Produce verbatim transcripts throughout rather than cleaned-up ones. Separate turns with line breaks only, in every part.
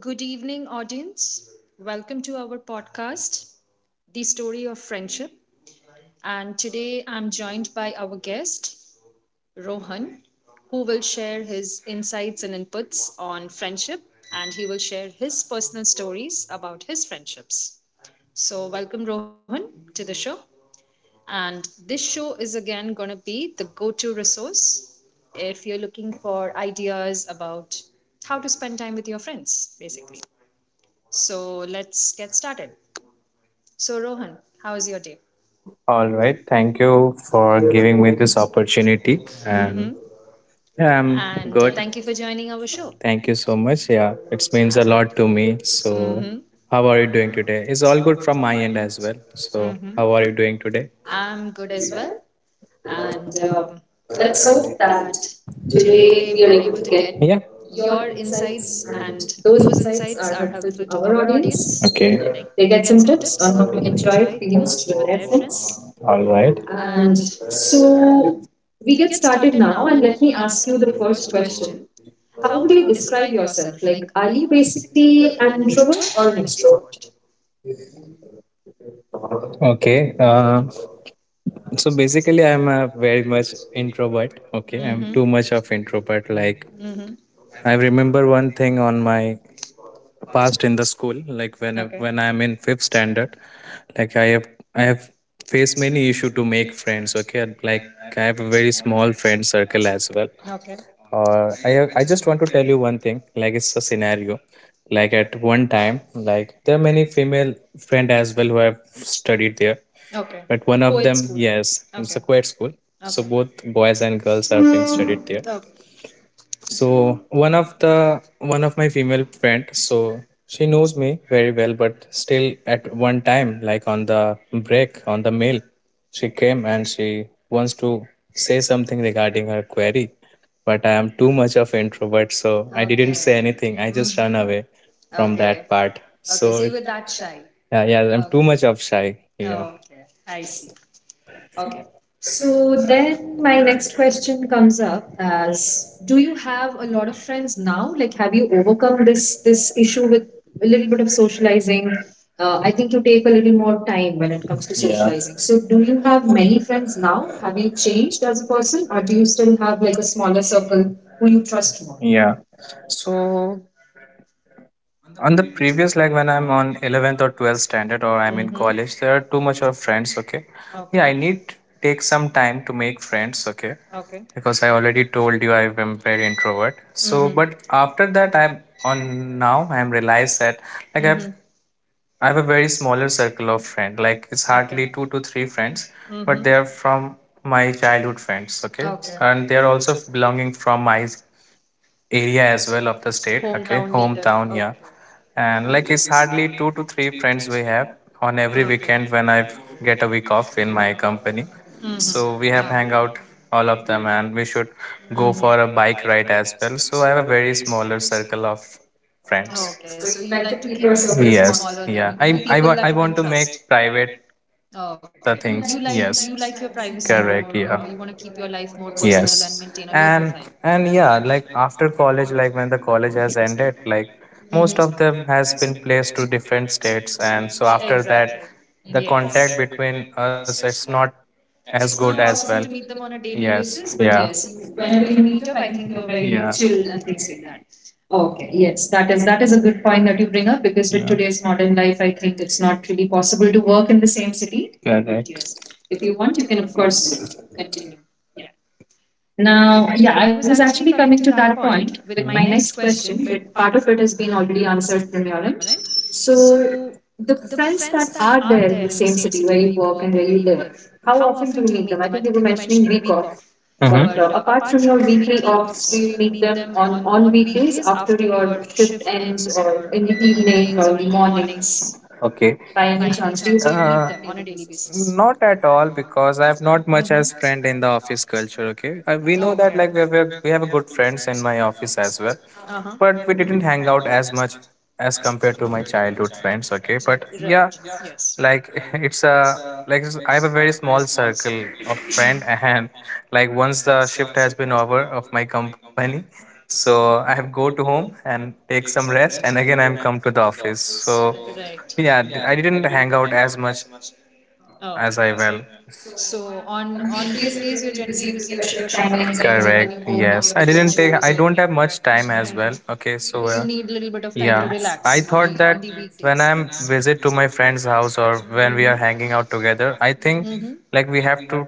Good evening, audience. Welcome to our podcast, The Story of Friendship. And today I'm joined by our guest, Rohan, who will share his insights and inputs on friendship and he will share his personal stories about his friendships. So, welcome, Rohan, to the show. And this show is again going to be the go to resource if you're looking for ideas about how to spend time with your friends, basically. So let's get started. So, Rohan, how was your day?
All right. Thank you for giving me this opportunity. And
Mm-hmm.
yeah, I'm
And uh,
good.
thank you for joining our show.
Thank you so much. Yeah, it means a lot to me. So,
Mm-hmm.
how are you doing today? It's all good from my end as well. So,
Mm-hmm.
how are you doing today?
I'm good as well. And um, let's hope that today we are able to get your insights, and those insights
Yeah.
are helpful to
Our
our
audience.
audience.
Okay.
Like
They
they
get
get
some
some
tips
tips on
on how
how
to
to
enjoy
enjoy
it the
the
most
most
with
with
their
their
friends.
friends.
All right. And
And So
so we
we
get
get
started
started
now,
now,
and
and
let
let
me
me
ask
ask you
you
the
the first
first question.
question. How
How
would
would you
you describe
describe
yourself?
yourself? Like,
Like,
are
are you
you
basically
basically
an
an
introvert
introvert or
or an
an
extrovert?
extrovert?
Okay. Uh, so
So basically,
basically,
I
I'm
am
a very
very
much
much introvert.
introvert. Okay. I'm
Mhm.
too much of introvert. Like
Mhm.
I remember one thing on my past in the school. Like when I-
Okay.
when
When
I'm
I'm
in
in
fifth
fifth standard.
standard, like i have i have faced many issue to make friends, okay. Like I have a very small friend circle as well,
Okay.
or I have, I just want to tell you one thing, like it's a scenario. Like at one time, like there are many female friend as well who have studied there.
Okay. But
But one
one of
of
Co-ed them,
them,
school.
yes,
Yes,
it's
it's
a
Okay.
quiet
quite
school,
school.
so
So Okay.
both
both
boys
boys and
and girls
girls
are
are
being
in
studied there.
school. Okay.
So one of the one of my female friend, so she knows me very well, but still at one time, like on the break on the mail, she came and she wants to say something regarding her query,
But
but I
I'm
am too
too much
much of introvert, so I
Okay.
didn't say
Okay.
anything. I
Mm-hmm.
just run away
From
from
Okay.
that
from Okay,
part.
so,
So
so you were
it-
that shy.
yeah, yeah,
Um,
I'm too
Okay.
much of shy.
Okay, I see. Okay. So
So
then
then
my
my
next
next
question
question
comes
comes up
up as
as,
do
do
you
you lot
have a lot of
of friends
friends now?
now?
Like,
Like,
have
have
you
you overcome
overcome this
this this
issue
issue
with
with a
a little
little bit
bit of
of
socializing?
socializing?
Uh,
Uh,
I
I think
think you
you take
take
a
a little
little
more
more
time
time
when
when
it
it
comes
comes to,
to
yeah,
socializing.
socializing.
So,
So, do
do
you
you
have
have many
many
friends
friends now?
now?
Have
Have you
you changed
changed as
as
a
a
person,
person,
or
or
do
do
you
you
still
still
have
have
like
like
a
a
smaller
smaller circle
circle who
who
you
you
trust
trust more?
more?
Yeah. So on the previous, like when I'm on eleventh or twelfth standard or I'm in
Mhm.
college, there are too much of friends, okay? Yeah, I
Okay.
need take some time to make friends, okay?
Okay.
Because I already told you I am very introvert. So, but after that, I'm on now, I'm realized that like
Mm-hmm.
I've I have a very smaller circle of friends. Like it's hardly two to three friends,
Hmm.
but they are from my childhood friends, okay? And they are also belonging from my area as well of the state country, hometown here. And like it's hardly two to three friends we have on every
Yeah.
weekend when I get a week off in my company.
Hmm.
So we have hang out all of them and we should
Go.
go for a
Hmm.
bike ride as well. So I have a very smaller circle of friends.
Okay. So
So,
you like
like,
to keep your circle.
yes, yeah. I I want I want to make private
Oh, okay.
the
You like
things,
you
yes,
like your privacy more. Correct.
correct,
Uh, you
yeah,
want to keep your life more personal and
yes.
maintain a low profile.
and
And
and
Okay.
yeah, like after college, like when the college has ended, like
Mhm.
most of them has been placed to different states, and so
Exactly.
after
Exactly.
that the
Yes.
contact between us it's not as
It's
good
not
as well,
possible to meet them on a daily basis,
yes,
but
yeah,
yes, you whenever you meet up, I think you're Yeah. very chilled and things like that.
yeah.
Oh, okay,
Okay,
yes,
yes, that
that is
is
that
that
is
is
a
a
good
good point
point that
that
you
you
bring
bring
up
up because
because
with,
with
yeah, today's
today's modern
modern
life,
life, I
I think
think
it's
it's
not
not
really
really
possible
possible
to
to
work
work
in
in
the
the
same
same city.
city. But
Correct. Yes.
yes,
If
if
you
you
want,
want, you
you
can
can of
of
course
course
continue.
continue. Yeah.
Now,
Now, yeah,
yeah, I
I
was
was actually
actually
coming
coming to
to that
that
point
point with
with
my,
my
mhm,
next
next
question,
question,
but
but
part
part
of
of
it
it
has
has
been
been
already
already
answered
answered
from
from
your
your
end.
end.
So,
So,
the
the
friends
friends
that
that
are
are
there
there
in
in the
the same
same
city
city where
you
you
work
work and
and where
where
you
you
live,
live,
how
how
often
often
do
do
you
you
meet
meet
them?
them?
I
I think
think
you
you were
were mentioning
mentioning
week
week off,
off, mhm,
but
but
uh,
uh,
apart
apart
from
from your
your
weekly
weekly
offs,
offs,
do
do
you
you meet
meet them
them on
on on
on
weekdays
weekdays
after
after
your
your
shift
shift
ends,
ends,
or
or in
in
the
the
evenings,
evening
or
or
in
in
the
the mornings?
mornings?
Okay. By
By
any
any
chance,
chance? Do
do you work with
you
them, Uh,
on
on
a
a daily
daily
basis?
basis?
Not at all, because I have not much as friend in the office culture. Okay, I, we know
Okay.
that like we have a, we have a good friends in my office as well,
Uh huh.
but we didn't hang out as much as compared to my childhood friends, okay, but yeah.
Yes.
Like it's a like it's- I have a very small circle of friend, and like once the shift has been over of my company, so I have go to home and take some rest and again I'm come to the office. So yeah, d- I didn't hang out as much
Oh,
as I
okay.
will
So on
on
on weekdays
weekdays.
you're
You're
generally
generally busy
busy with
with
your
your
shift
shift timings,
timings
and, correct, go home with, yes, your, I didn't take, so I don't have much time as well. Okay. So, uh,
little bit of time
yeah. I thought that
weekdays.
when I'm visit to my friend's house or when we are hanging out together, I think like we have to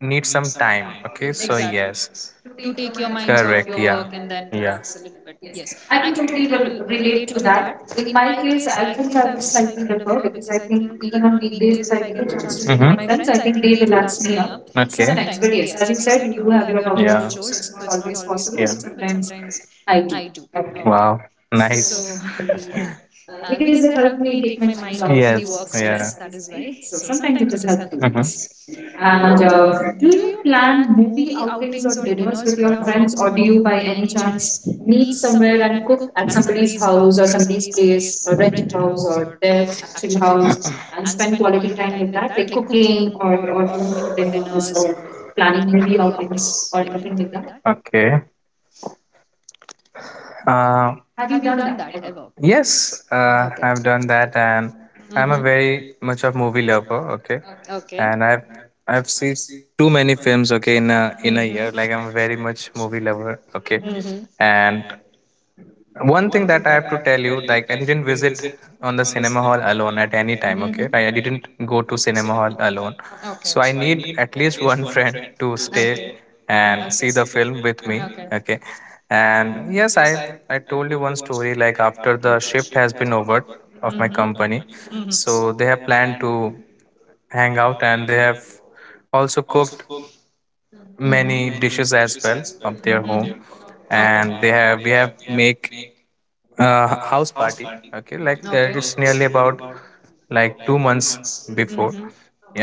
need some time. Okay. So,
Exactly.
exactly, yes.
So to take your minds off your
Correct.
work
Yeah.
and then relax
Yeah.
a little bit.
Yes,
Yes, I
I can
can
totally
totally rel
re- relate
relate to
to
that.
that. In
In my
my case,
case, I
I think
think
I
I
would
would slightly
slightly
differ
differ
because
because
I
I think
think even
even
on
on weekdays,
weekdays,
if
if I
I
get
get a
the chance
chance
to
to meet
meet
my,
my
mm-hmm, friends,
friends,
I
I think
think they
they
relax
relax
me
me up
up, okay, sometimes.
sometimes. But
But
yes,
yes, as
as
you
you said,
said,
you
you
do
do have
have your
your normal,
household
yeah,
chores,
hours.
so it's
It's
not
not
always
always possible,
possible,
yeah,
but
but sometimes
sometimes
I
I
do.
do.
Okay.
Okay.
Wow. So,
So,
nice. So,
yeah,
uh,
uh, because
because
they
they
help
help me
me take
take
my
my mind
mind
off the,
off the
yes,
work
work stress, yeah,
stress. That
that
is
is
why.
life.
So
So
sometimes
sometimes
it
it
is
is helpful.
helpful.
Mm-hmm. Yes.
Yes, and
And uh,
um,
do
do
you
you plan
plan
movie outings or
or dinners
dinners with
with
your
your
friends,
friends,
or
or
do
do
you
you
by
by
any
any chance
chance meet
meet
somewhere
somewhere
and
and cook
cook at
at
somebody's
somebody's
house
house
or
or
this
somebody's place,
place,
or rent a
rented house
house
or
or their
their actual
actual
house,
house,
and
and
spend
spend quality
quality time
time
like
with
that,
that,
like
like
cooking
cooking or
or, or
or
going for
doing
dinners
dinners or
or planning
planning
movie
movie outings
outings or
or
anything
anything
like
like
that?
that? Okay. Uh,
Have
Have
you
you
done
done
that
that
ever?
ever? Yes,
Uh,
uh,
Okay.
I've done that, and
Mm-hmm.
I'm a very much of movie lover. Okay,
Okay. Okay.
and I've I've seen too many films. Okay, in a in a
Hmm.
year, like I'm very much movie lover. Okay,
Mm-hmm.
and one thing that I have to tell you, like I didn't visit on the cinema hall alone at any time.
Mhm.
Okay, I, I didn't go to cinema hall alone,
Okay.
so I need at least one friend to stay and see the film with me.
Okay.
Okay, and yes, I I told you one story. Like after the shift has been over of my
Mhm.
company, so they
Mm-hmm.
have planned to hang out, and they have also cooked
Mm-hmm.
many dishes as well of their
Mhm.
home,
Okay.
and they have we have make a house party, okay. Like there it's nearly about like 2 months
Mhm.
before,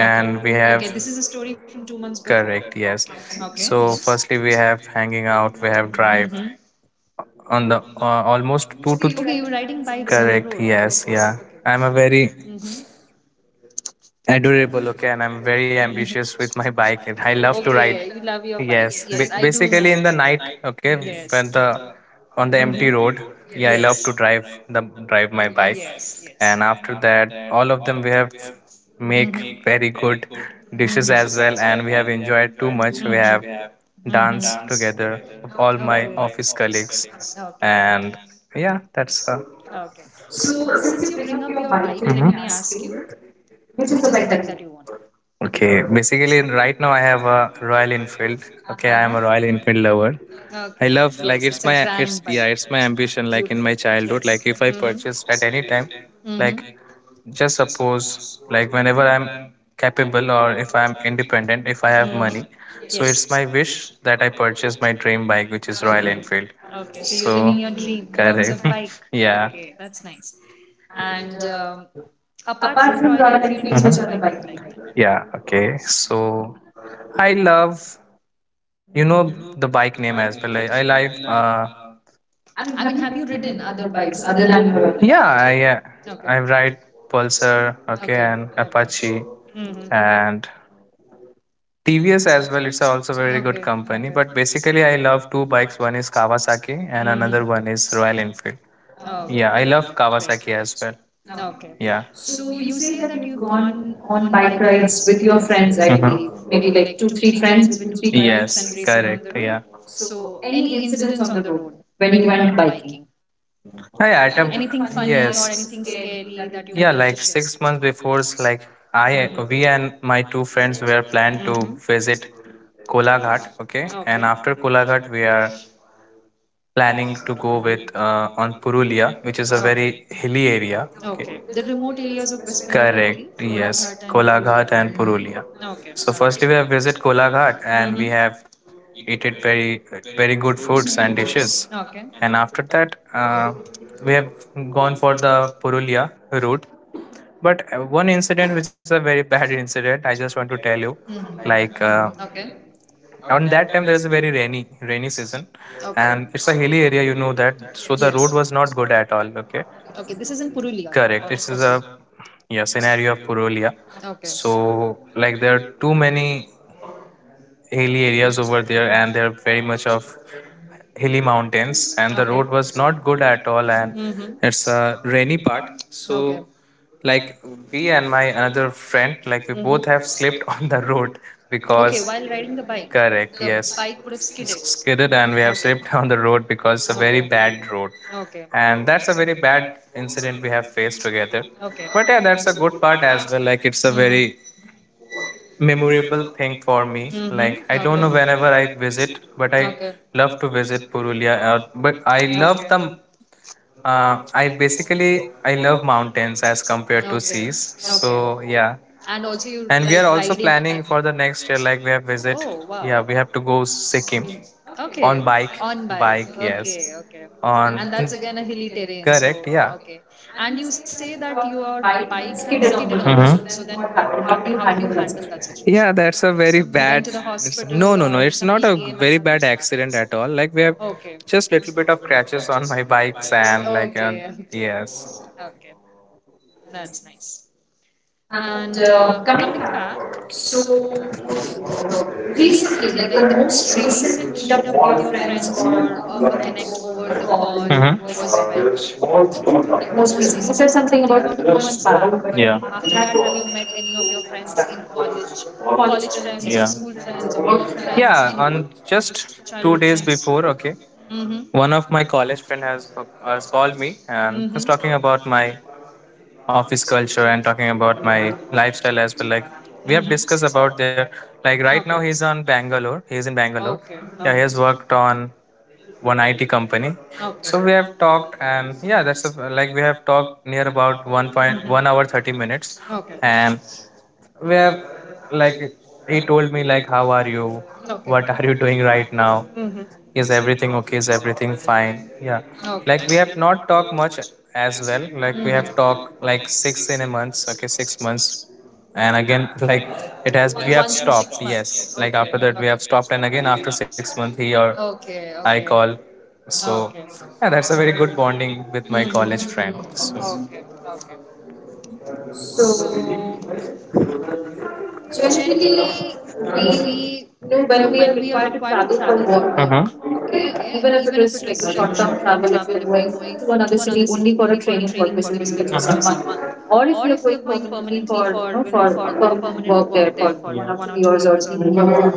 and we have,
Is a story from two months before.
correct, yes.
Okay.
So firstly we have hanging out, we have
Mhm.
drive on the, uh, almost two to
Three
th-
riding bikes.
correct, yes, yeah. I'm a very adorable, okay, and I'm very ambitious with my bike, and I love to
You
ride.
love your
Yes, ba- basically in the night, okay, when the,
on
on the empty road, yeah, I love to drive the drive my bike,
yes
and after that, all of them we have make very good
Mm-hmm.
dishes as well, and we have enjoyed too
Mhm.
much. We have danced
Mm-hmm.
together with all my office colleagues,
Okay.
and yeah, that's uh,
Okay.
So
So since
since
you
you bring
bring up your
your
bike,
bike to,
let
mhm,
me ask
India,
you, which
which
is
is
the
the
bike
bike
that
that,
you want?
okay, basically right now I have a Royal Enfield.
Uh.
Okay, I am a Royal Enfield lover.
Okay.
I love like it's my it's, yeah, it's my ambition, like in my childhood. Like if I
Mhm.
purchase at any
Time.
time,
Mm-hmm.
like just suppose, like whenever I'm capable, or if I'm independent, if I have money,
Mhm.
so it's
So
my wish that I purchase my dream bike, which is Royal
Okay.
Enfield.
Okay, so you're living your
So
dream in terms yeah. of bike.
correct. Yeah.
Okay, that's nice. And um, apart from
Apart from
Royal
Royal
Enfield, which
Enfield,
other
which are the,
bike
mhm, other
do you
bike
like
you
then?
like? Yeah, okay. So I love, you
Mhm.
know, the bike name as well. I, I like, uh,
I
I
mean,
mean,
have you
have you
ridden
ridden
other
other
bikes
bikes
other
other
than your
than
Royal
your own? Yeah,
Enfield?
I, uh,
Okay.
I ride Pulsar, okay,
Okay,
and
okay.
Apache
Mm-hmm.
and T V S as well. It's also very
Okay,
good company. But
okay.
basically, I love two bikes. One is Kawasaki and another
Mhm.
one is Royal Enfield.
Oh, okay.
Yeah, I love Kawasaki as well.
Okay. Yeah.
Yeah.
So
You
you say
say
that
that
you've
you've
gone
gone
on
bike
bike
rides
rides
with
with your
your
friends,
friends, I,
I
mhm,
believe.
believe. Maybe
Maybe
like
like
two,
two, three
three friends
friends with
with two,
two,
three
three
bikes.
bikes and Yes.
Yes,
racing on the
correct.
road.
Yeah. So
So any incidents on the road when
when
you
you
went
went
biking?
biking.
Oh,
I
yeah, I def-
at a,
anything funny or Yes.
yes,
anything scary that you would like
yeah, like six months before, it's like
Yeah,
I, we
to?
and my two friends were planned
Mm-hmm.
to visit Kolaghat. Okay,
Okay.
and after
Kolaghat.
Kolaghat, we are planning to go with uh, on
Okay.
Purulia, which is a very
Okay.
hilly area.
Okay. The remote areas of West Bengal, I believe.
Correct, yes.
Kolaghat and Purulia.
Kolaghat and Purulia.
Okay.
So firstly we have visit Kolaghat and we have eaten very very good foods and dishes.
Okay.
And after that, uh, we have gone for the Purulia route. But uh, one incident which is a very bad incident I just want to tell you like uh,
Okay.
on that time there is a very rainy rainy season, and it's a hilly area, you know that, so the road was not good at all. Okay.
Okay. This is in Purulia.
Correct. It's a, yeah, scenario of Purulia.
Okay.
So like there are too many hilly areas over there, and there are very much of hilly mountains, and the road was not good at all, and
Mhm.
it's a rainy part. So like we and my another friend, like we both have slipped on the road because
Riding the
correct, yes,
would have
skidded, and we have slipped on the road because it's a very bad road,
okay,
and that's a very bad incident we have faced together. But yeah, that's a good part as well. Like it's a
Mhm.
very memorable thing for me.
Mhm, okay.
Like I don't know, whenever I visit, but I love to visit Purulia. Uh, but I love the, uh, I basically, I love mountains as compared to seas, so yeah.
And also you
And we
like
are also planning for the next year. Like we have visit, yeah, we have to go Sikkim
Okay.
on bike. Bike,
okay.
yes. On
Again a hilly terrain,
correct, yeah,
okay. And you say that your
bike
bike had
skidded
skidded
on the
on
road.
the
Mhm.
road.
So
So
then,
then
what
what
happened?
happened?
How
How
do
did
you
you
handle
handle
that
that
situation?
situation?
Yeah, that's a very bad. No, no, no. It's not a very bad accident at all. Like we have just little bit of crashes on my bikes, and like uh, yes.
Okay. That's nice.
And
And uh,
uh, coming
Coming
back,
back,
so
so
the
recently, like the most
most recent
recent
meetup
meetup
with
with your
your friends
friends
or
or a,
a
a
connect
connect over
over the
the
call.
call
Mhm.
was when?
Was when? Like
The
most
most
recent.
recent.
You
You
said
said
something
something
about
about
two
two
months
months back,
back, but
but
yeah, after
after that,
that, do
have
you
you met any of your
met
friends in
with
college?
your
College
friends,
friends
and,
or
uh,
school friends
yeah.
or work friends? Yeah,
Yeah,
anybody? Um,
on just
Just childhood two
two days
friends? Days
before,
before, okay.
okay,
Mm-hmm.
one
One of
of
my
my college
college friends
friend has,
has
has
uh, called
called
me.
me
Uh,
and
Mm-hmm. He's
was talking
talking about
about
my
my office
office culture
culture
and
and talking
talking
about
about
my
my lifestyle.
lifestyle as well. Like we have
Mhm.
discussed about their, like right now he's on Bangalore. He's in Bangalore. Yeah, he has worked on one I T company.
Okay.
So we have talked, and yeah, that's a, like we have talked near about one point one hour thirty minutes,
Okay.
and we have, like he told me, like how are you?
Okay.
What are you doing right now?
Mm-hmm.
Is everything okay? Is everything fine? Yeah.
Okay.
Like we have not talked much as well. Like we have
Mhm.
talked like six in a month, okay, six months. And again, like it has, we
Once
have stopped, yes. Like after that we have stopped, and again after six months, he or
okay.
I
I
call. So yeah, that's a very
yeah,
good bonding with my
Mhm.
college friend. So.
Okay.
So
So
generally,
generally we
we,
you
you
know
know, when
when
we
we are
are
required
required
to
to
travel
travel
for
for work,
work,
mm-hmm, okay,
okay, even
even
if
if
it
it is
is like
like
a
a
short term
short-term
travel,
travel,
if
if you're
you're
going
going to
to
another
another
city
city
only
only for
for a
a
training
training purpose,
purpose, maybe
maybe
for
for just
just
a
a
month,
month,
or
or if
if you're
you're
going
going permanently
permanently for,
for you
you
know
know,
for
for
a
a permanent
permanent
work
work
there
there
for
for
one,
one
yeah,
or
or two
two
years
years
or
or
three,
even for more,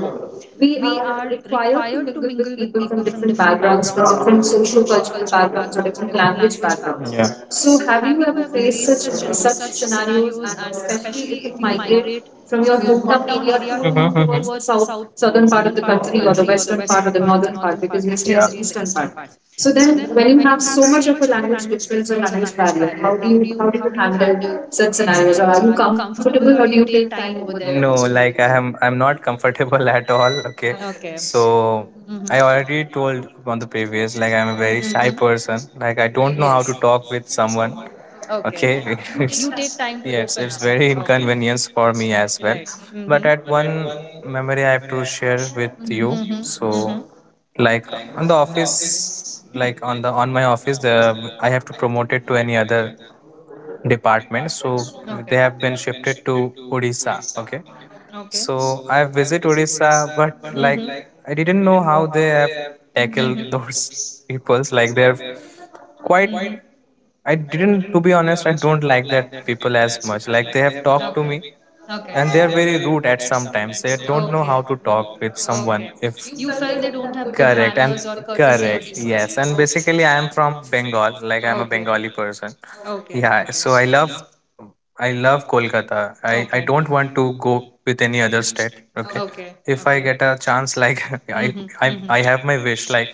we
we are
are
required
required
to
to mingle
mingle with
with
people
people from
from different
different
backgrounds,
backgrounds,
from
from
different
different social
socio-cultural
cultural
backgrounds
backgrounds
or
or
different
different
language
language backgrounds.
backgrounds,
Yeah.
so,
So,
have
have
you
you
ever
ever faced
faced
such
such uh,
such
such scenarios,
scenarios,
and
and
especially
especially
if
if
you
you
migrate
migrate
from
from
your
your hometown
hometown
area
area
to, mhm,
to
mhm,
towards
towards
the
the
south
south?
southern
Southern
part
part
of
of
the
the country
country
or
or the
the western
western part
part
or
or
the
the
northern
northern
part,
part
because
because
we
we stay,
stay in
yeah,
the
in the
eastern
eastern
part.
part. So
So
then,
then, when
when
you
you have
have so
so
much
much
of
of
a
a language
language difference
difference or
or
language
language
barrier,
barrier,
how
how do
do you
you
how
how do
do
you
you handle
handle such
such scenarios?
scenarios, or
Or
are
are
you
you
comfortable,
comfortable,
or
or
do
do you
you
take
take
time
time over
over there?
there
No,
also?
like I am I'm not comfortable at all. Okay.
Okay.
So
Mm-hmm.
I already told on the previous, like I'm a very
Mm-hmm.
shy person. Like I don't know
Yes.
how to talk with
Someone.
someone.
Okay.
Okay.
You take time to open up.
Yes, it's very
Okay.
inconvenience for me as well.
Mm-hmm.
But at one memory I have to share with
Mhm,
you.
mhm.
So like on the office, like on the, on my office, the I have to promote it to any other department. So
Okay.
they have been shifted to Odisha, okay?
Okay.
So I have visit Odisha, but
Mhm.
like I didn't know how they have tackle those peoples. Like they're quite,
Mhm.
I didn't, to be honest, I don't like that people as much. Like they have talked to me,
Okay.
and they're very rude at sometimes. They don't know how to talk with someone. If
Felt they don't have
correct and correct, yes. And basically, I am from Bengal. Like I'm a Bengali person,
Okay.
yeah, so I love, I love Kolkata. I I don't want to go with any other state. Okay, okay. If I get a chance, like I I I have my wish. Like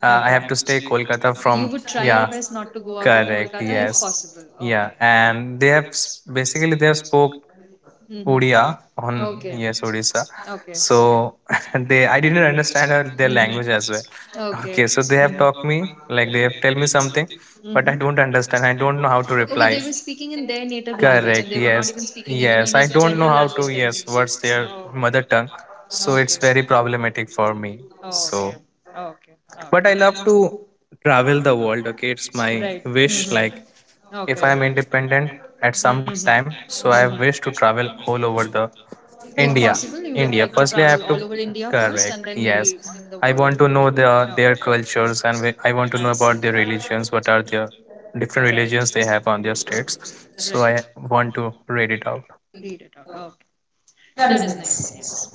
uh, I have to stay Kolkata from, yeah.
not to go out
Correct. Yes. Yeah,
Yeah.
and they have s- basically they have spoke
Okay.
Odia
Hmm.
on, yes, Odisha.
Okay.
So they, I didn't understand her, their language as well.
Okay.
Okay, so they have talked me, like they have tell me something,
Hmm.
but I don't understand. I don't know how to reply.
Speaking in their native
Correct. Yes. Yes. I don't know how to. Yes. What's their
tongue?
mother tongue? So it's very problematic for me.
Oh, So-
So
Okay.
but I love
Okay.
to travel the world, okay? It's my
Mhm.
wish. Like, if I am
Like
independent at
Mhm.
some time, so
Mhm.
I have wish to travel all over the
If India.
India.
Possible, you would like to
India.
travel
Firstly, I
all
have
over
to,
India first and then
correct.
maybe
Yes,
in the
I
world.
want to know the,
Okay.
their cultures, and wh- I want
I
to know
see.
about their religions. What are their different
Right.
religions they have on their states? So
Right.
I want to read it out.
Read it out. Okay. That
That
is
is
nice. Yes.
nice.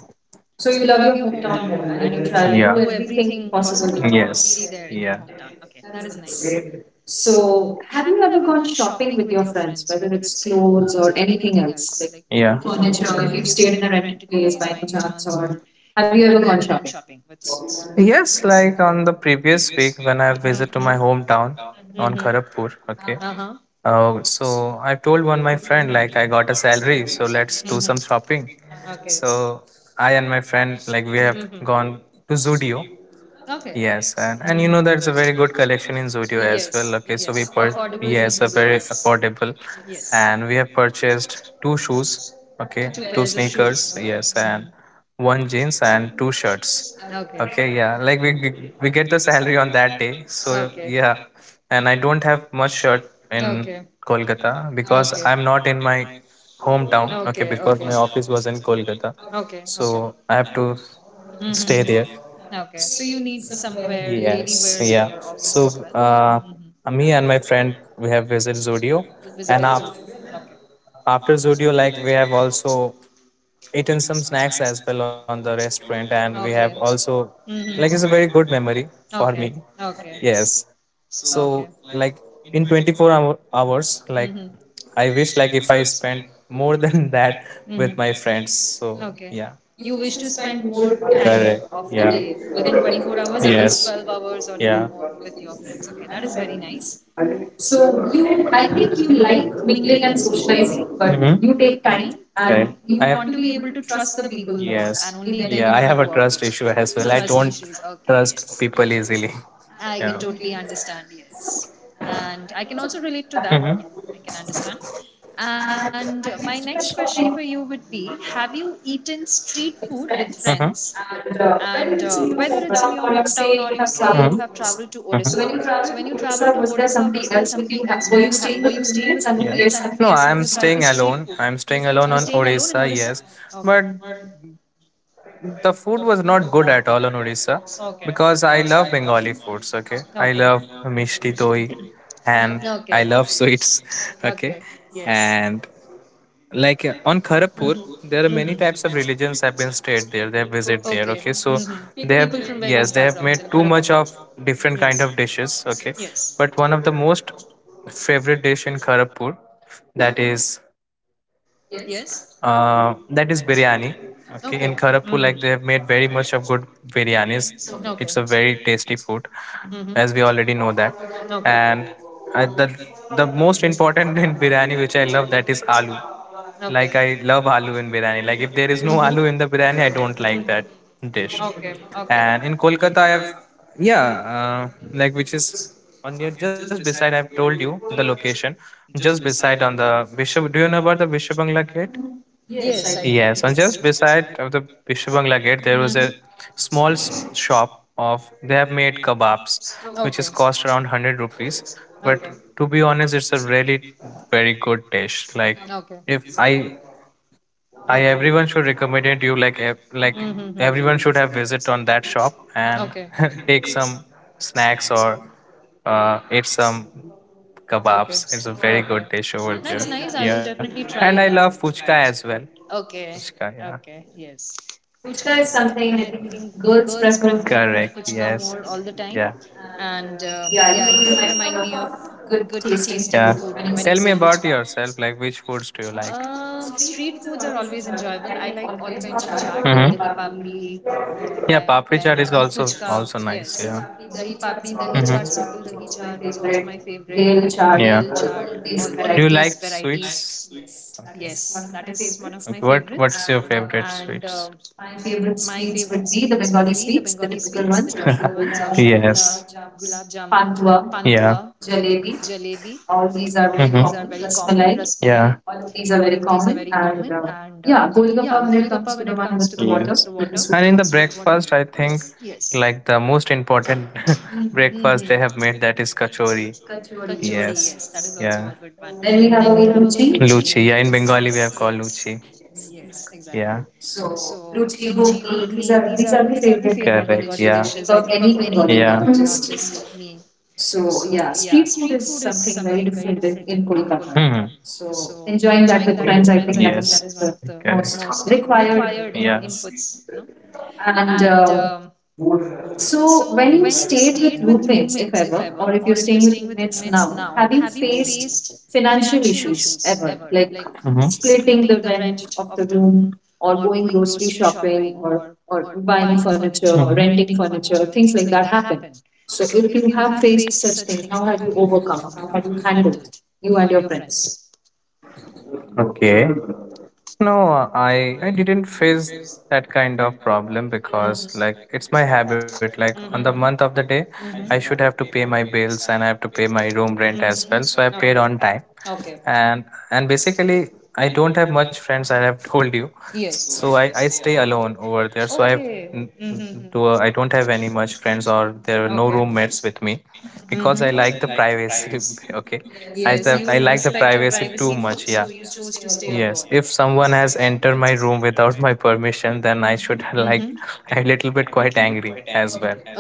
So
So
you
you
love
love
your
your
hometown
hometown more,
more and you
and
would
you try to,
try
yeah,
do
do, yeah, everything
everything
possible
possible to
to,
be
yes, be
there in
there.
your
Yeah.
hometown. Okay. That is nice.
Same. So,
So, have
have you
you
ever
ever
gone
gone shopping
shopping with
with your
your friends,
friends,
whether
whether it's
it's
clothes
clothes
or
or
anything
anything else,
else, like
like, yeah,
furniture,
furniture,
if
if
you've
you've
stayed
stayed
in
in
a
a
rented
rented
place
place
by
by
any
any
chance,
chance, or
or have
have
you
you
ever
ever
gone
gone
shopping
shopping?
with friends?
Yes, like on the previous week when I visited to my
Mm-hmm.
hometown
Mm-hmm.
on Kharagpur. Okay.
Uh-huh. Uh,
Uh, so I
told
told
one
one
my
my
friend,
friend, like I got a
I'll bring,
salary,
so
so
let's.
let's do some
Mm-hmm.
shopping.
Okay. So
So
I
I
and
and my
my
friend, like we
Mhm.
have gone to Zudio.
Okay.
Yes,
Yes.
and
And Mhm.
and you
you know
know that's
that's
a
a
very
very good.
good collection in Zudio as
Yes.
well. Okay, so
Yes.
we per,
Affordable,
yes, they're
reasonable
very
rate.
affordable,
Yes.
and we have purchased two shoes. Okay,
Two pairs of shoes.
sneakers.
Okay.
Yes, and one jeans and two shirts.
Okay. Okay.
Okay, yeah, like we g- we get the salary on that day. So yeah, and I don't have much shirt in Kolkata because I'm not in my hometown. Okay, because my office was in Kolkata,
Okay. Okay.
so I have to
Mhm,
stay there.
mhm. Okay. So you need somewhere
Yes, yeah.
office
So
Mm-hmm.
uh, me and my friend, we have visited Zodio, and
zone.
af after Zodio, like we have also eaten some snacks as well on the restaurant, and we have
Okay.
also, like
Mm-hmm.
it's a very good memory
Me.
for me.
Okay.
Yes. So like in twenty-four hour, hours, like
Mm-hmm.
I wish like if I spent more than that
Mhm.
with my friends. So
Okay.
yeah,
You wish to spend more time
correct,
of the
yeah,
day within twenty-four hours, at least
yes,
twelve hours or even
yeah.
more with your friends. Okay, that is very nice.
So
So you,
you,
I
I
think
think
you
you like
like
mingling
mingling and
and
socializing,
socializing,
but
but mhm,
you
you take
take
time,
time
and
and
okay, you,
you
I have
want
want
to
to be
be able
able
to
to
trust
trust
the
the people,
people
first,
more,
yes,
and only
and then,
then you
yeah, I
want to go
have a
out with
trust
them.
issue as well. I
Trust issues,
don't
okay.
trust people easily.
I can totally understand, yes. And I can also relate to that.
Mm-hmm.
Yeah, I can understand. And uh, my next question for you
Shopping.
would be have you eaten street food with friends?
Hmm.
And
And, uh,
uh, Whether
whether it's
it's in
in
your
your hometown
hometown or
or
you
if say
say you
you have
have traveled
traveled.
to Odisha.
Mm-hmm.
So,
So
when
when
you
you
traveled
traveled
to
to Odisha,
Odisha,
was
was there
there
somebody
somebody else
else
with
with
you?
you? Ha-
Ha-
were
Were
you
you
staying
staying with
with roommates?
roommates?
And
And
if
if, yeah,
yes,
yes,
have
have
you
you, no,
tried the
I'm
street
staying
food?
alone. I'm
You were
staying
staying
alone on
alone in Odisha?
Odisha, yes.
Okay.
But the food was not good at all on Odisha, because I love Bengali foods. Okay,
Okay, okay.
I love mishti
Okay.
doi,
Okay.
and
Okay.
I love sweets.
Okay.
Okay,
Yes.
and like uh, on
Mm-hmm.
Kharagpur, there are many
Mm-hmm.
types of religions have been stayed there. They have visited
Okay.
there. Okay, so
Mm-hmm.
they
People
have,
from various
yes, they
backgrounds
have
in
made too
Kharagpur.
much of different kind of dishes. Okay,
Yes.
but one of the most favorite dish in Kharagpur, that is
Yes.
uh, that is biryani.
Okay.
Okay, in
Mm-hmm.
Kharagpur, like they have made very much of good
Okay.
biryanis.
Mm-hmm. Okay.
It's a
Okay.
very tasty food,
Mhm.
as we already know that.
Mhm. Okay.
And I, the the most important in biryani which I love, that is aloo. Like I love aloo in biryani. Like if there is no aloo in the biryani, I don't like that dish.
Okay.
And in Kolkata, I have, yeah, uh, like which is on near just beside. I've told you the location, just beside on the Bishop. Do you know about the Bishop Bangla Gate?
Yes, I do. Mhm.
Yes, and just beside of the Vishwa Bangla Gate, there was a small s- shop of they have made kebabs,
Okay.
which is cost around one hundred rupees.
Okay.
But to be honest, it's a really very good dish. Like
Okay.
if I, I,
Okay.
everyone should recommend it you. Like ev- like
Mm-hmm.
everyone should have visit on that shop
Okay.
and take some snacks, or uh, eat some
Okay.
kebabs. It's a
Okay.
very good dish
That's
over
nice.
there.
I will
Yeah,
definitely try
and I
that.
love fuchka as well.
Okay.
Fuchka, yeah.
Okay. Yes. Puchka
Puchka
is
is
something
something
I
I think
think girls
girls
prefer
prefer. Correct.
puchka more
Yes.
all the time.
Yeah.
And uh, Yeah,
Yeah,
you
you
do remind
remind
me
me
of
of
good
good
tasting
tasting, yeah,
food
food
when
when
you
you say,
say
tell
food.
me about yourself. Like, which foods do you like?
Um, street foods are always enjoyable. I like all kinds of chaat,
Chaat.
dahi
Mm-hmm.
papri, then
Yeah,
uh,
papri chaat
fuchka.
is also, yes,
Yes,
also nice.
dahi papdi, dahi chaat, simple dahi chaat
Mm-hmm.
is also my favorite.
Favorite hail
Dhel
chaat.
chaat,
Yeah.
all, all
All
of
of these,
these
do you, varieties, like
varieties.
sweets?
Yes,
It's,
that is one of my favorites.
okay. What What's your
And uh,
favorite sweets?
My favorite
Favorite
sweets
sweets
would
would
be
be the
the
Bengali
Bengali
sweets,
sweets, the
the typical
typical
ones,
ones,
which, uh,
Roshogolla,
yes.
Gulab Jamun, Pantua,
Pantua, yeah,
Jalebi.
jalebi, all
All
these
these
are
are
very,
very
mhm, common.
common.
Rasmalai,
Rasmalai,
yeah, all
all
of
of these
these
are
are very
very
common.
common. And
And
uh,
uh, yeah,
Yeah,
Golgappa
Golgappa when
when it
it
comes
comes to
to
the
the one
one
with
with the
the water.
water,
Yes.
with
With
the
the soup. And
sweet.
in the breakfast, I think, yes,
Yes.
like the most important mhm
Mm-hmm.
breakfast they have made, that is kachori.
Kachori,
Yes.
yes, that is
Yes.
also a good
Yeah.
one. Then
Then
we
we
have
have
our
our Luchi.
luchi.
Luchi. Yeah, in, yes, Bengali we have
Yes,
called luchi. Yes.
yes, exactly.
Yeah. So
So luchi,
Luchi, Ghugni,
ghugni, these
these are
are
these
these are
are
the
the favorite
favorite
Bengali,
Bengali
correct, dishes, I,
dishes. I
yeah,
think
think
of
of
any
any Bengali.
Bengali
Yeah. Not just
me.
so
So
yeah,
yeah, street
street
food
food
is
is something
something
very
very
different
different
in,
in
in
in
Kolkata.
Kolkata.
Hmm.
So
So enjoying
enjoying
that
that
with
with
friends,
friends, I
I think,
think that is
yes,
one
that is,
of
yes, one
the
of the, correct,
most
most
required
required, yeah,
inputs,
things.
you know. And
And
um,
um,
So
so,
when
when
you
you
stayed
stayed with
with
roommates,
roommates,
if
if ever,
ever,
or
or if
if you're
you're
staying
staying
with
with
roommates
roommates
now,
now,
have
have you
you faced
faced
financial
financial issues
issues
ever,
ever, like
like, mhm,
splitting
splitting
the
the rent
rent of
of
the
the
room
room,
or
or
going
going
grocery
grocery
shopping
shopping,
or
or or
or buying
buying furniture, or,
furniture,
mhm,
renting
renting furniture,
furniture, things
things
like
like
that
that happen.
happen.
So,
So if
if
you
you
have
have faced
faced such
such
things,
things,
how
how
have
have
you
you
overcome or
overcome?
how
How
have
have you
you handled
handled you
you and
and
your
your
friends?
friends? Okay. No, I I didn't face that kind of problem because like it's
Mm-hmm.
my habit. Like on
Mm-hmm.
the
Mhm.
month of the day,
Mm-hmm.
I should have to pay
Mhm.
my bills and I have to pay my room rent
Mm-hmm.
as well. So I
Mhm. Okay.
paid
Time.
on time,
Okay.
and and basically I don't have much friends. I have told you, so I I stay alone over there. So I have n-
Mm-hmm.
n- do I don't have any much friends or there are no roommates with me
Mm-hmm.
because I like the privacy. Okay,
Yes,
I said I like the privacy too much.
chose
Yeah.
to stay alone.
Yes, if someone has entered my room without my permission, then I should like a little bit quite angry as well.
Okay.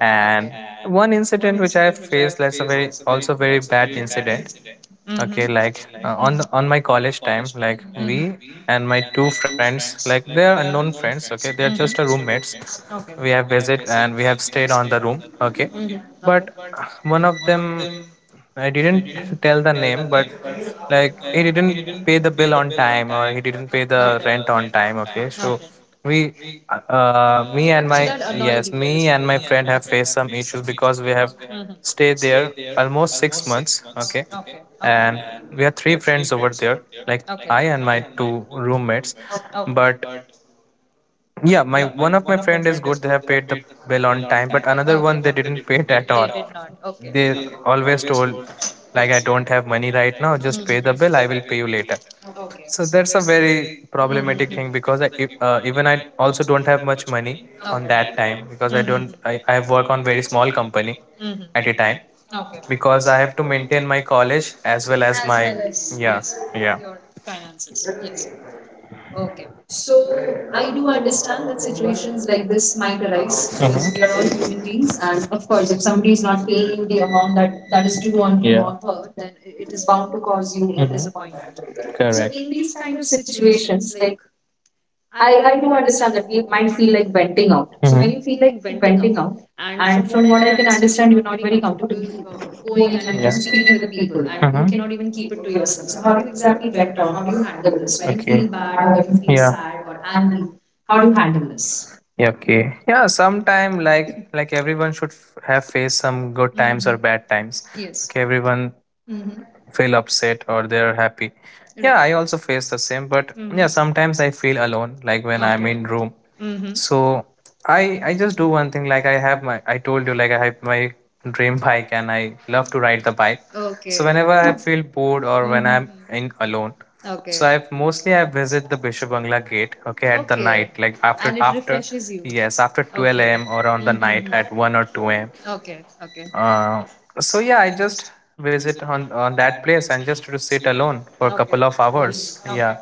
And one incident which I faced, that's a very also very bad incident.
Mm-hmm.
Okay, like uh, on the, on
Mm-hmm.
my college time, like we and my two friends, like they are unknown friends. Okay, they are just a roommates.
Okay.
We have visit and we have stayed on the room.
Mm-hmm.
Okay,
Okay.
but uh, one of them, I didn't tell the name, but like he didn't pay the bill on time or he didn't pay the rent on time, okay. So we uh me and my, yes, me and my
Bit.
friend have faced some issues because we have
Mhm.
stayed there almost six months, okay,
Okay. Okay.
and we have three friends over there, like I and my two roommates.
Okay.
But yeah, my one of my friend is good, they have paid the bill on time, but another one,
Okay.
they didn't pay it at
They
all.
not. Okay.
They always told, like, I don't have money right now, just pay the bill, I will pay you later.
Okay.
So that's a very problematic thing because I, e- uh, even I also don't have much money on that time because I don't, I, I work on very small company
Hmm.
at a time
Okay.
because I have to maintain my college as well as my,
Yes,
yeah, yeah.
your finances. Yes. Okay.
So
So
I
I
do
do
understand
understand
that
that
situations
situations
like
like
this
this
might
might
arise,
arise
mhm,
because
in
we
your
are all human
opportunities,
beings,
and
and
of
of
course,
course
if
if
somebody
somebody
is
is not
not
paying
paying
you
the
the
amount
amount
that
that
that
that
is
is
due
due on
on,
him
yeah,
or her,
him,
then i- it
is
is
bound
bound
to
to
cause
cause
you,
you
mhm,
a
disappointment.
disappointment.
So,
So
correct,
in these kind of
situations
situations
like
like
I
I,
I
I
do
do
understand
understand that
that you
we
might
might
feel
feel
like
like
venting
venting out.
out. So, mhm,
So
when, mhm,
when you
you feel
feel
like
like
venting
venting out,
out,
and
and
from
from what
what I
I
can
can understand,
understand, you're
you're not
not very
very
comfortable uh,
comfortable going
going and
and,
you
yeah,
know
speaking
speaking
with
with
people,
people,
and,
and you
mhm, you, mhm, cannot
cannot even
even
keep
keep
it
it
to
to yourself.
yourself. So
So how
how
do
do
you
you
exactly
exactly
vent
vent out?
out?
How
How
do
do
you
you
handle
handle this?
this when
When
you
you, okay,
feel
feel bad,
bad or
or
when you
when you
feel
feel, yeah,
sad
sad
or
or angry,
angry?
how
How
do
do
you
you handle
handle this?
this?
Yeah, okay, yeah, sometime, like like everyone should f- have faced some good times or
Mhm.
bad times. Yes,
Yes.
okay, everyone
Mm-hmm. Right.
feel upset or they're happy. Yeah, I also face
Right.
the same, but yeah, sometimes
Mm-hmm.
I feel alone, like
Okay.
when I'm
Okay.
in room.
Mm-hmm.
So I I just do one thing, like I have my I told you, like I have my dream bike and I love to ride the bike.
So
So whenever I feel bored or when
Mhm.
I'm in alone,
Okay.
so I've mostly I visit the Bishop Bangla gate, okay, at the night, like after after
You.
yes, after twelve a m or on the
Mhm.
night
a m.
at one or two a m.
Okay. Okay.
Uh, so yeah, I just visit on on that place and just to sit alone for a couple of hours. Yeah,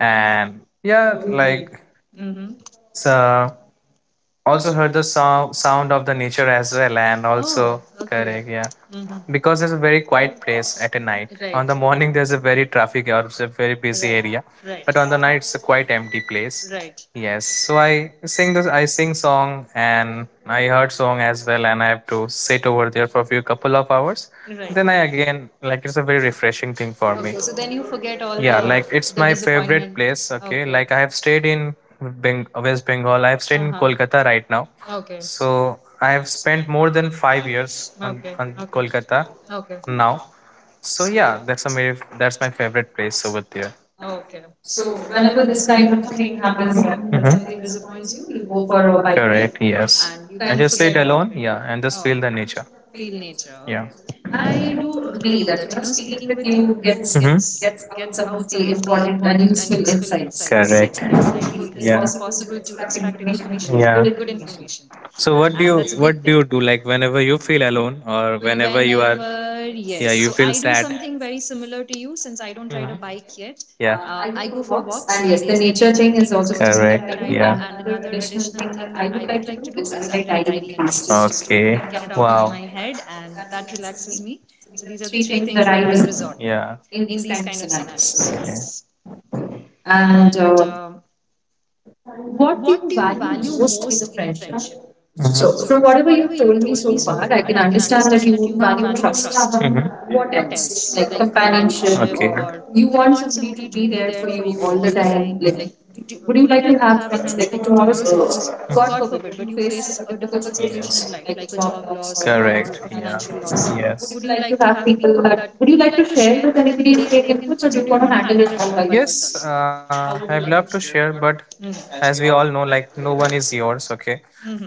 and yeah, like
Mm-hmm.
so also heard the sound sound of the nature as well, and also, correct, yeah,
Yeah.
because it's a very
Mm-hmm.
quiet place at a night. On the morning, there's a very traffic or it's a very busy area,
Right,
but on the night, it's a quite empty place.
right,
Yes, so I sing this. I sing song and I heard song as well, and I have to sit over there for a few couple of hours. Then I again like it's a very refreshing thing for me.
forget all.
Yeah, like it's my favorite place. Okay, like I have stayed in Beng- West Bengal. I have stayed
Uh
in
huh.
Kolkata right now,
Now. Okay,
so I have spent more than five years on on Kolkata
okay.
now. So yeah, that's a very, that's my favorite place over there.
Okay. So
So
whenever
whenever
this
this
kind
kind
of
of thing
thing
happens,
happens that
when,
that
mhm,
something
something
disappoints
disappoints you,
you,
you
you go
go for
for
a
a
bike,
bike ride
correct, yes.
and you kind
And
of
just
forget
sit
about
alone.
it.
Yeah, and just
Oh, okay.
feel the nature. Feel
Feel
nature.
nature.
Yeah.
Okay.
I
I
do
do
agree
agree
that
that
you
you
know
know
speaking
speaking with
with you
you
gets hmm
gets
gets
gets out
out
some
some of
of
the
the important
important
and
and
useful
useful insights.
insights. So
Correct.
yes, I do
It
agree. It
is,
is
yeah,
possible
possible
to
to extract
extract information
information,
from you,
yeah,
good
good, yeah,
information,
information. So what
and
do
that's
you
a good thing.
what do you do, like whenever you feel alone or whenever you are,
Whenever yes, so
yeah, you
I do
feel sad?
something very similar to you since I don't ride a
Mhm.
bike yet.
Yeah.
Uh,
Uh,
I
I
go
go
for
for walks,
walks, and
and
yes,
yes,
the
the
nature
nature thing
thing is
is
also
also something that
something
I,
that I
correct, do.
do.
Yeah.
And
And
another
another
additional
additional
thing
thing
that
that I
I would
would
like
like
to
to
do
do
is
is I
I write
like tidying
diary
in trees just
entries,
to, okay,
get it
get
out
down.
of my
Wow.
head, and that relaxes me. So these are the three
Three
things
things
that
that I
I
resist,
resort to
yeah,
in these kind of scenarios.
scenarios.
So
Okay.
yes. And
And uh,
um
what
What do
do
you
you value?
value most
In
in a
the
friendship?
friendship. Mhm.
So
So,
from
from
whatever
whatever you
you've told
told
me
me
so
so far,
far, I
I can
can
understand
understand
that
that you
you
value
value trust.
trust.
Mhm. What
What else,
else?
like
Like companionship.
companionship,
Okay.
or
Or
you
you want
want somebody
somebody to
to be
be
there
there
for
for you
you
all
all the
the
time,
time.
like
Like,
do,
would
would you
you
like
like to
to have
have
friends,
friends? Like
like tomorrow
tomorrow's
suppose
goals.
god
God, forbid
forbid but you
you
face
face a
a
difficult
difficult situation
situation,
in life like a job
job
loss
loss,
or,
or,
or a
correct,
financial loss, would
yes.
you
Would you
like
like to
to have
have
people,
people
that
that would
would
you
you
like
like
to
to
share
share
with
with
anybody
anybody
and
and
take
take
inputs,
inputs,
or
or
do
do
you
you
want
want to
to handle
handle it
it all
all
by
by
yourself? Yes,
yourself?
uh,
How
I've
would you
loved
like
to
it?
share, but as we all
Mhm.
know, like no one is yours, okay?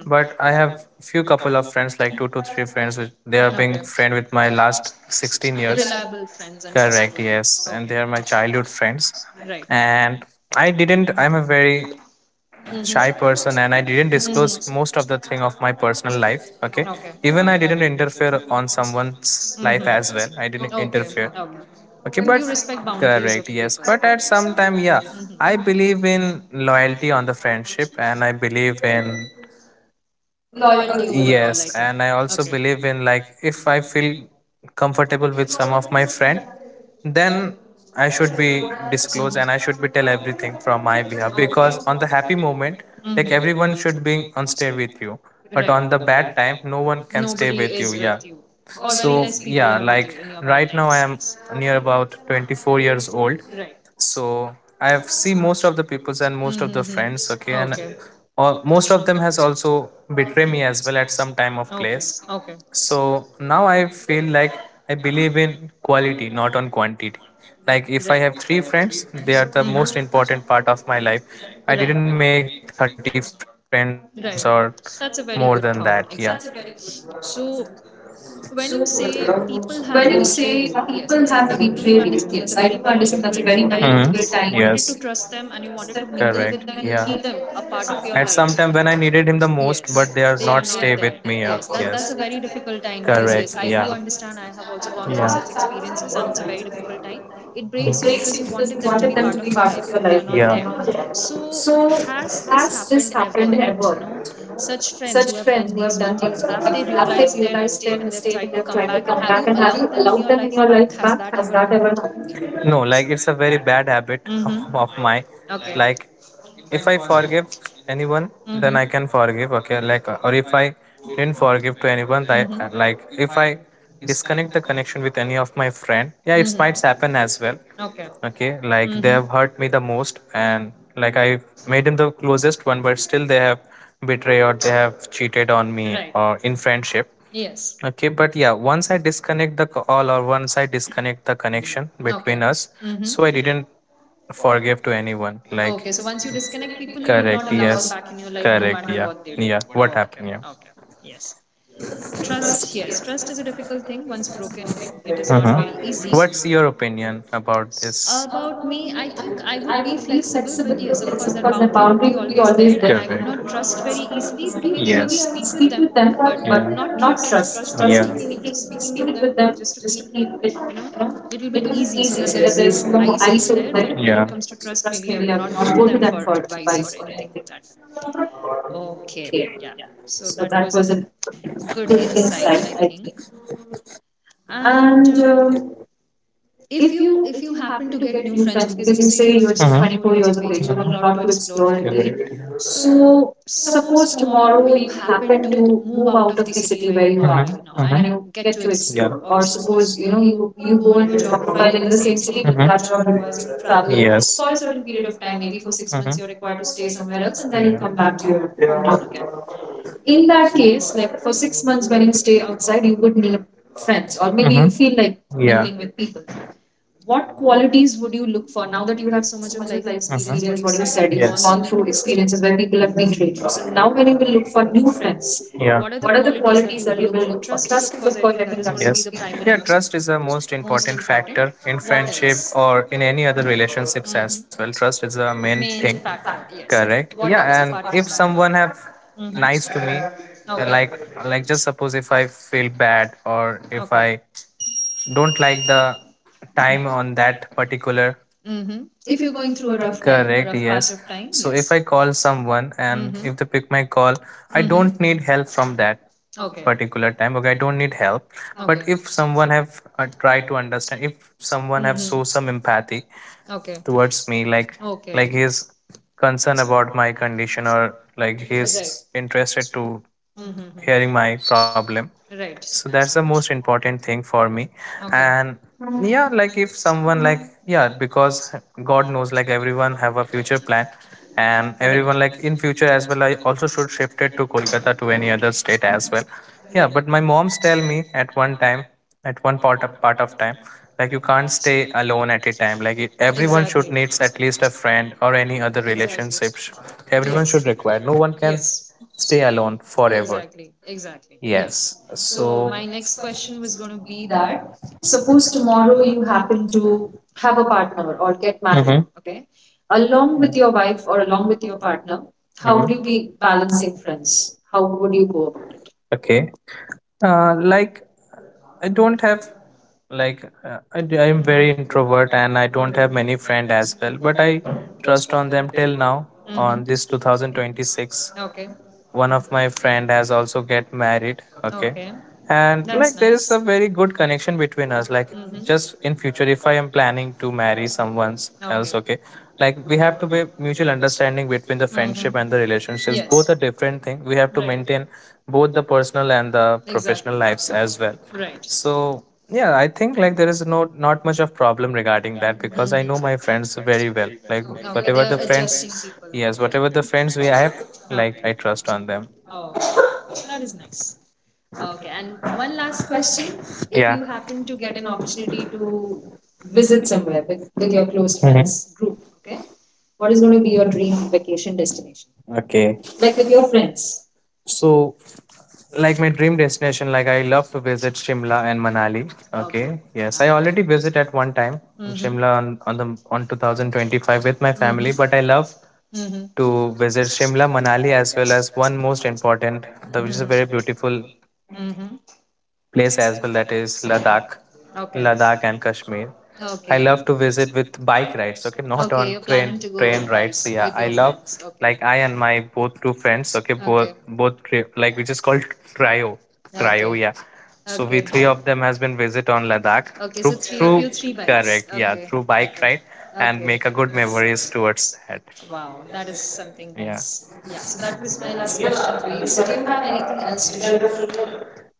But I have few couple of friends, like two to three friends, which they are being friend with my last sixteen years.
Friends and
Correct, yes, and they are my childhood friends.
Right.
And I didn't. I'm a very
Mm-hmm.
shy person, and I didn't disclose most of the thing of my personal life, okay. Even I didn't interfere on someone's life as well. I didn't
Did.
interfere, okay.
Okay.
But,
Respect.
correct, yes, but at some time, yeah,
Mhm.
I believe in loyalty on the friendship, and I believe in,
Loyalty.
yes, and I also believe in, like, if I feel comfortable with some of my friend, then I should be disclose, and I should be tell everything from my behalf. Because on the happy moment,
Mhm.
like everyone should be on stage with you,
Right.
but on the
But
bad time, no one can you. Yeah.
you, or
So yeah, like
in your
right now I am near about twenty-four years old.
Right.
So I have seen most of the peoples and most of the
Mhm.
friends, okay. And uh, most of them has also betray me as well at some time of place.
Okay.
So now I feel like I believe in quality, not on quantity. Like if I have three friends, they are the most important part of my life. I didn't make thirty friends or
Right.
more
That's
than
a very
that.
good
Yeah.
thought. Exactly. So when you say people
When
have
you
betrayed
say
you, yes,
people
I do
have
understand that's a
betrayed
very,
you,
very
yes, I do
difficult
understand
time
that's a very,
because you
very hmm
wanted to
difficult time.
trust them and
Yes,
you wanted to mingle with them and keep
correct.
them a part of your
Yeah.
life.
At some time when I needed him the
Yes, they
most,
are
but they,
not
yes, are
there.
not stay
Yes,
with
that
me.
that's a
Uh,
very
Yes,
difficult
yes,
time because yes, I do
correct.
understand. I
Yeah.
have also gone through such experiences, and it's a very difficult time. It breaks
Yeah.
you
It
because you
breaks you
wanted
because you
them to be
wanted
part
them to
of
be
your life,
part of
but
your
they are
life.
not there.
Yeah. They're
So,
not. So,
has this
has this
happened ever
happened
that
ever?
you know such friends
Such
who have
friends
done
who have
these
done
with you,
things with
have
you,
they
have they
realized their
realized their
mistake and they've
mistake and
tried to
they've
come
tried to
back, and
come
have
back?
you
And have
allowed
you
them in your
allowed them in
life
your
back?
life
Has
back?
that
Has
ever
that ever
happened?
happened? No, like it's a very bad habit
Mhm.
of, of mine. Like if I forgive anyone,
Mhm.
then I can forgive. Okay, like uh, or if I didn't forgive to anyone,
Mhm.
that like if I disconnect the connection with any of my friend, yeah, it
Mhm.
might happen as well. Okay, like they
Mhm.
have hurt me the most, and like I made him the closest one, but still they have betrayed or they have cheated on me or in friendship.
Yes.
Okay, but yeah, once I disconnect the call or once I disconnect the connection
Okay.
between us, so I
Mm-hmm.
didn't forgive to anyone like
Okay, so once you disconnect people, you would
correct,
not allow
yes,
them back in your life no
correct,
matter
yeah,
what they do.
yeah, what
Oh,
happened,
okay,
yeah.
okay. Yes. Trust, yes. Trust is a difficult thing. Once broken, it, it
Uh
is
huh.
not very easy.
What's your opinion about this?
About me, I think I
I
would
would
be
be flexible,
flexible, but
but
yes,
yes,
of course,
of the
that boundary
boundary
would
would
be
be
always
always
there,
there.
and I
Correct.
would not trust very easily,
Maybe,
but maybe
yes,
I
I
will,
would speak with them, but
but
yeah, not
not
trust.
trust
Trust,
first
yeah,
time
in speaking,
speaking,
just
just
speak it
speaking
with
with
them,
them,
just
just
to
to
keep
keep
it, you
you
know,
know little
little bit
bit
easy
easy
so
so
that
that
there's
there's no
no ice
ice
over
over
there.
there, but
Yeah. When
when
it
it comes
comes to
to
trust,
trust,
maybe
maybe
I
I
would
would
not
not
go
go
to
to
them
them
for
for
advice
advice
or
or
anything.
anything like that. Okay,
Okay, yeah.
yeah,
So
so that
that was
was a
a good
good
insight,
insight
I
I
think.
think.
And
And um,
um, if
If you
you
if
if you
you happen
happen
to
to get
get new
new
friends
friends
because
because you
you say
say you're
you're
just,
just
mhm,
twenty-four
twenty-four
years
years
of
of
age,
age, you
you
have
have a
a
lot
lot
to
to
explore
explore
I
and,
believe,
correct, do.
so
So suppose
suppose tomorrow
tomorrow
you
you
happen
happen
to
to move
move out
out
of
of the
city
city
where
where you
you
are,
are
mhm,
right
right
now
now, uh-huh,
and
and
you
you
get
get
to
to explore
explore,
or
or
suppose
suppose you
you
know
know
you
you you
you go
go and
into
do
a
a
job
job
profile
profile
in
in
the
the
same
same
city
city but,
but
mhm,
that
that
job
job
requires
requires
you
you
to
to
travel
travel, yes,
for
for a
a certain
certain
period
period
of
of
time,
time,
maybe
maybe
for
for six,
six
mhm,
months
months
you're
you're
required
required
to
to
stay
stay
somewhere
somewhere
else,
else
and
and
then
then
you
you
come
come
back
back
to
to your
your
town
hometown
again.
again.
In
In
that
that
case,
case, like
like for six
six months
months
when
when you
you
stay
stay outside,
outside,
you
you
would
would
need
need
friends,
friends or
or maybe
maybe you,
you
mhm, feel
feel like
like,
mingling
yeah,
with people. What
what
qualities
qualities
would
you
you look for? Now that
would
you have
have. So
so
much
much of
of life,
life
uh-huh, experience,
experience,
what
what
you
you
said,
said,
you've,
you have
yes,
gone
gone
through
through experiences
experiences where
where people
people
have
have
been
betrayed you,
haters.
so
Now,
now
when
when you
you will
will
look
look
for
for new
new friends,
friends,
yeah,
what
what are
are the
the
qualities
qualities that
that
you
you will
will
look
look
for?
for? Trust
Trust is
is, of
of
course,
course, I
I think,
think, that
that is,
is
yes,
going to be the
something. Yeah,
primary
trust is a most
most
important factor
important.
in
What
friendship
else?
or in any other relationships as
Hmm,
well. Trust is a main thing,
main factor. Yeah,
correct?
what
Yeah,
else
and
apart
if
from
someone have
Mhm.
nice to me, uh,
Okay.
like like just suppose if I feel bad or if
Okay.
I don't like the time on that particular,
Mm-hmm. If you're going through a rough time, a
correct,
rough patch
yes.
of time,
So
yes.
if I call someone and if they pick my
Mm-hmm.
call, I don't need
Mm-hmm.
help from that
Okay.
particular time. Okay, I don't need help.
But Okay.
But if someone have uh, tried to understand, if someone
Mm-hmm.
have show some empathy
Okay.
towards me, like
Okay.
like he is concerned about my condition or like he
Right.
is interested to
Mm-hmm.
hearing my problem,
Right.
so that's the most important thing for me.
Okay.
And yeah, like if someone like, yeah, because god knows, like everyone have a future plan, and
Right.
everyone like in future as well, I also should shift it to Kolkata to any other state as well.
Right.
Yeah, but my moms tell me at one time, at one part of part of time, like you
Everyone.
can't stay alone at a time, like it- everyone
Exactly.
should needs at least a friend or any other
Exactly.
relationships. Everyone should require, no one can s-
Yes. Yes.
stay alone forever.
Exactly. Exactly.
Yes.
Yes.
So
So
is
my
going
next question was going to
to be
be
that
that
suppose
suppose
tomorrow
tomorrow you
you happen
happen
to
to
have
have a
a partner
partner
or
or get
get married,
married,
mhm, okay?
okay?
Along
Along with
with your
your
wife
wife
or
or
along
along
with
with your
your partner,
partner,
how,
how
mm-hmm,
would
would
you
you be
be
balancing
balancing
friends?
friends? How
How
would
would you
you go
go about
about
it?
it?
Okay. Uh, like, I don't have, like, uh, I am very introvert and I don't have many
Mhm.
friend as well, but I trust on them till now. On
Mhm.
this two thousand twenty-six,
Okay.
one of my friend has also get married.
Okay.
Okay.
Okay.
And like
That's
there is a very good connection between us, like
Mhm.
just in future if I am planning to marry someone else, okay, like we have to be mutual understanding between the friendship and the relationships. Both are different thing, we have to maintain both the personal and the professional lives as well.
Right.
So yeah, I think like there is no, not much of problem regarding that
Mhm.
because I know my friends very well, like whatever the friends, yes,
People.
whatever the friends we have,
Yeah.
like I trust on them.
Oh, that is nice. Okay, and one last question:
Yeah.
happen to get an
Opportunity
opportunity to
to
visit
visit
somewhere
somewhere
with
with,
with
with
your
your
close
close, mhm, friends,
group, okay? What
what
is
is
going
going to
to be
be
your
your
dream
dream
vacation
vacation destination?
destination?
Okay.
Like
Like
with
with
your
your
friends.
friends. So, like my dream destination, like I love to visit Shimla and Manali. Okay. Yes, I already visit at one time in
Mhm.
Shimla on, on the, on two thousand twenty-five with my
Mhm.
family, but I love
Mm-hmm.
to visit Shimla, Manali as well as one most important, the, which is a very beautiful
Mm-hmm.
place as well, that is Ladakh. Ladakh and Kashmir.
Love,
I
okay.
love to
Okay.
visit with bike rides, okay, not on train train rides. So yeah, I love,
Okay.
like I and my both two friends, okay, both both tri- like which is called trio, trio,
Ride,
yeah. So we
okay,
three
yeah.
of them has been visit on Ladakh through through correct, yeah,
Okay.
through bike ride, and
Ride.
make a good memories towards that.
Wow, that is something
Yeah,
nice. Yeah, so that was my last question for you. So, do you have anything else to share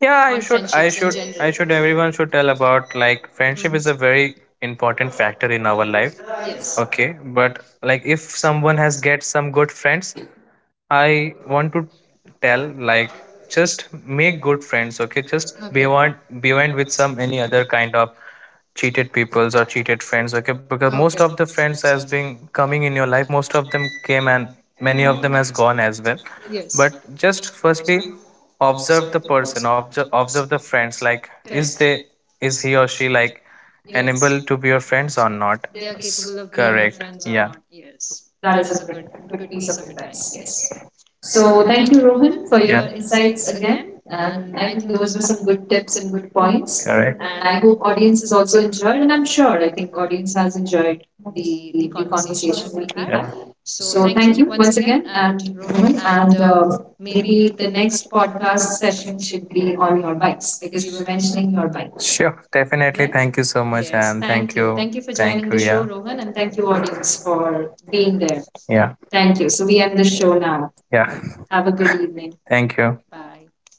yeah, i
on
should i
friendships in
should
general?
i should everyone should tell about, like friendship is a
Mhm.
very important factor in our life.
Yes.
Okay, but like if someone has get some good friends, I want to tell, like just make good friends, okay? Just be
Okay.
one be one with some any other kind of cheated peoples or cheated friends, okay? Because
Okay.
most of the friends has been coming in your life, most of them came and many of them has gone as well.
Yes.
But just firstly observe the person, observe observe the friends. Like is
Correct.
they, is he or she like
Yes.
enable to be your friends or not?
They are
S-
capable of being your
correct.
friends or not.
Yeah.
Yes, that
That
is
is
a
a
good
good,
good
good
piece
piece
of
of
advice.
advice. Yes.
Yes. So
So
thank
thank you,
you,
Rohan,
Rohan,
for
for your
your, yeah,
insights
insights
again,
again.
and
And I
I
think
think
those
those were
were some
some good
good tips
tips
and
and good
good points.
points.
Correct. And
And
I
I
hope
hope
audience
audience
has
has
also
also
enjoyed,
enjoyed,
and
and
I'm
I'm
sure
sure
I
I
think
think
audience
audience
has
has
enjoyed
enjoyed
the
the
the
the
conversation
conversation
that
that
we,
we
yeah, had.
had.
So
So
thank
thank
you
you once
once again,
again,
and
and
Rohan,
Rohan,
and.
and uh,
Uh, Maybe
maybe the
the next
next
podcast
podcast session
session should
should be
be
on
on
your
your bikes
bikes
because
because you
you
were
were
mentioning
mentioning
your
your bike.
bike there,
Sure,
sure,
definitely.
right?
Thank you so much,
Yes,
and
thank
thank you.
you. Thank
Thank
you
you
for
for, thank
joining the
joining you, the
show,
show, yeah.
Rohan, and thank
Thank
you,
you,
audience,
audience,
for
for
being
being
there.
there. Yeah.
Thank
Thank
you.
you.
So,
So
we
we
end
end the
the show
show
now.
now. Yeah.
Have
Have
a
a
good
good evening.
evening.
Thank you.
Bye.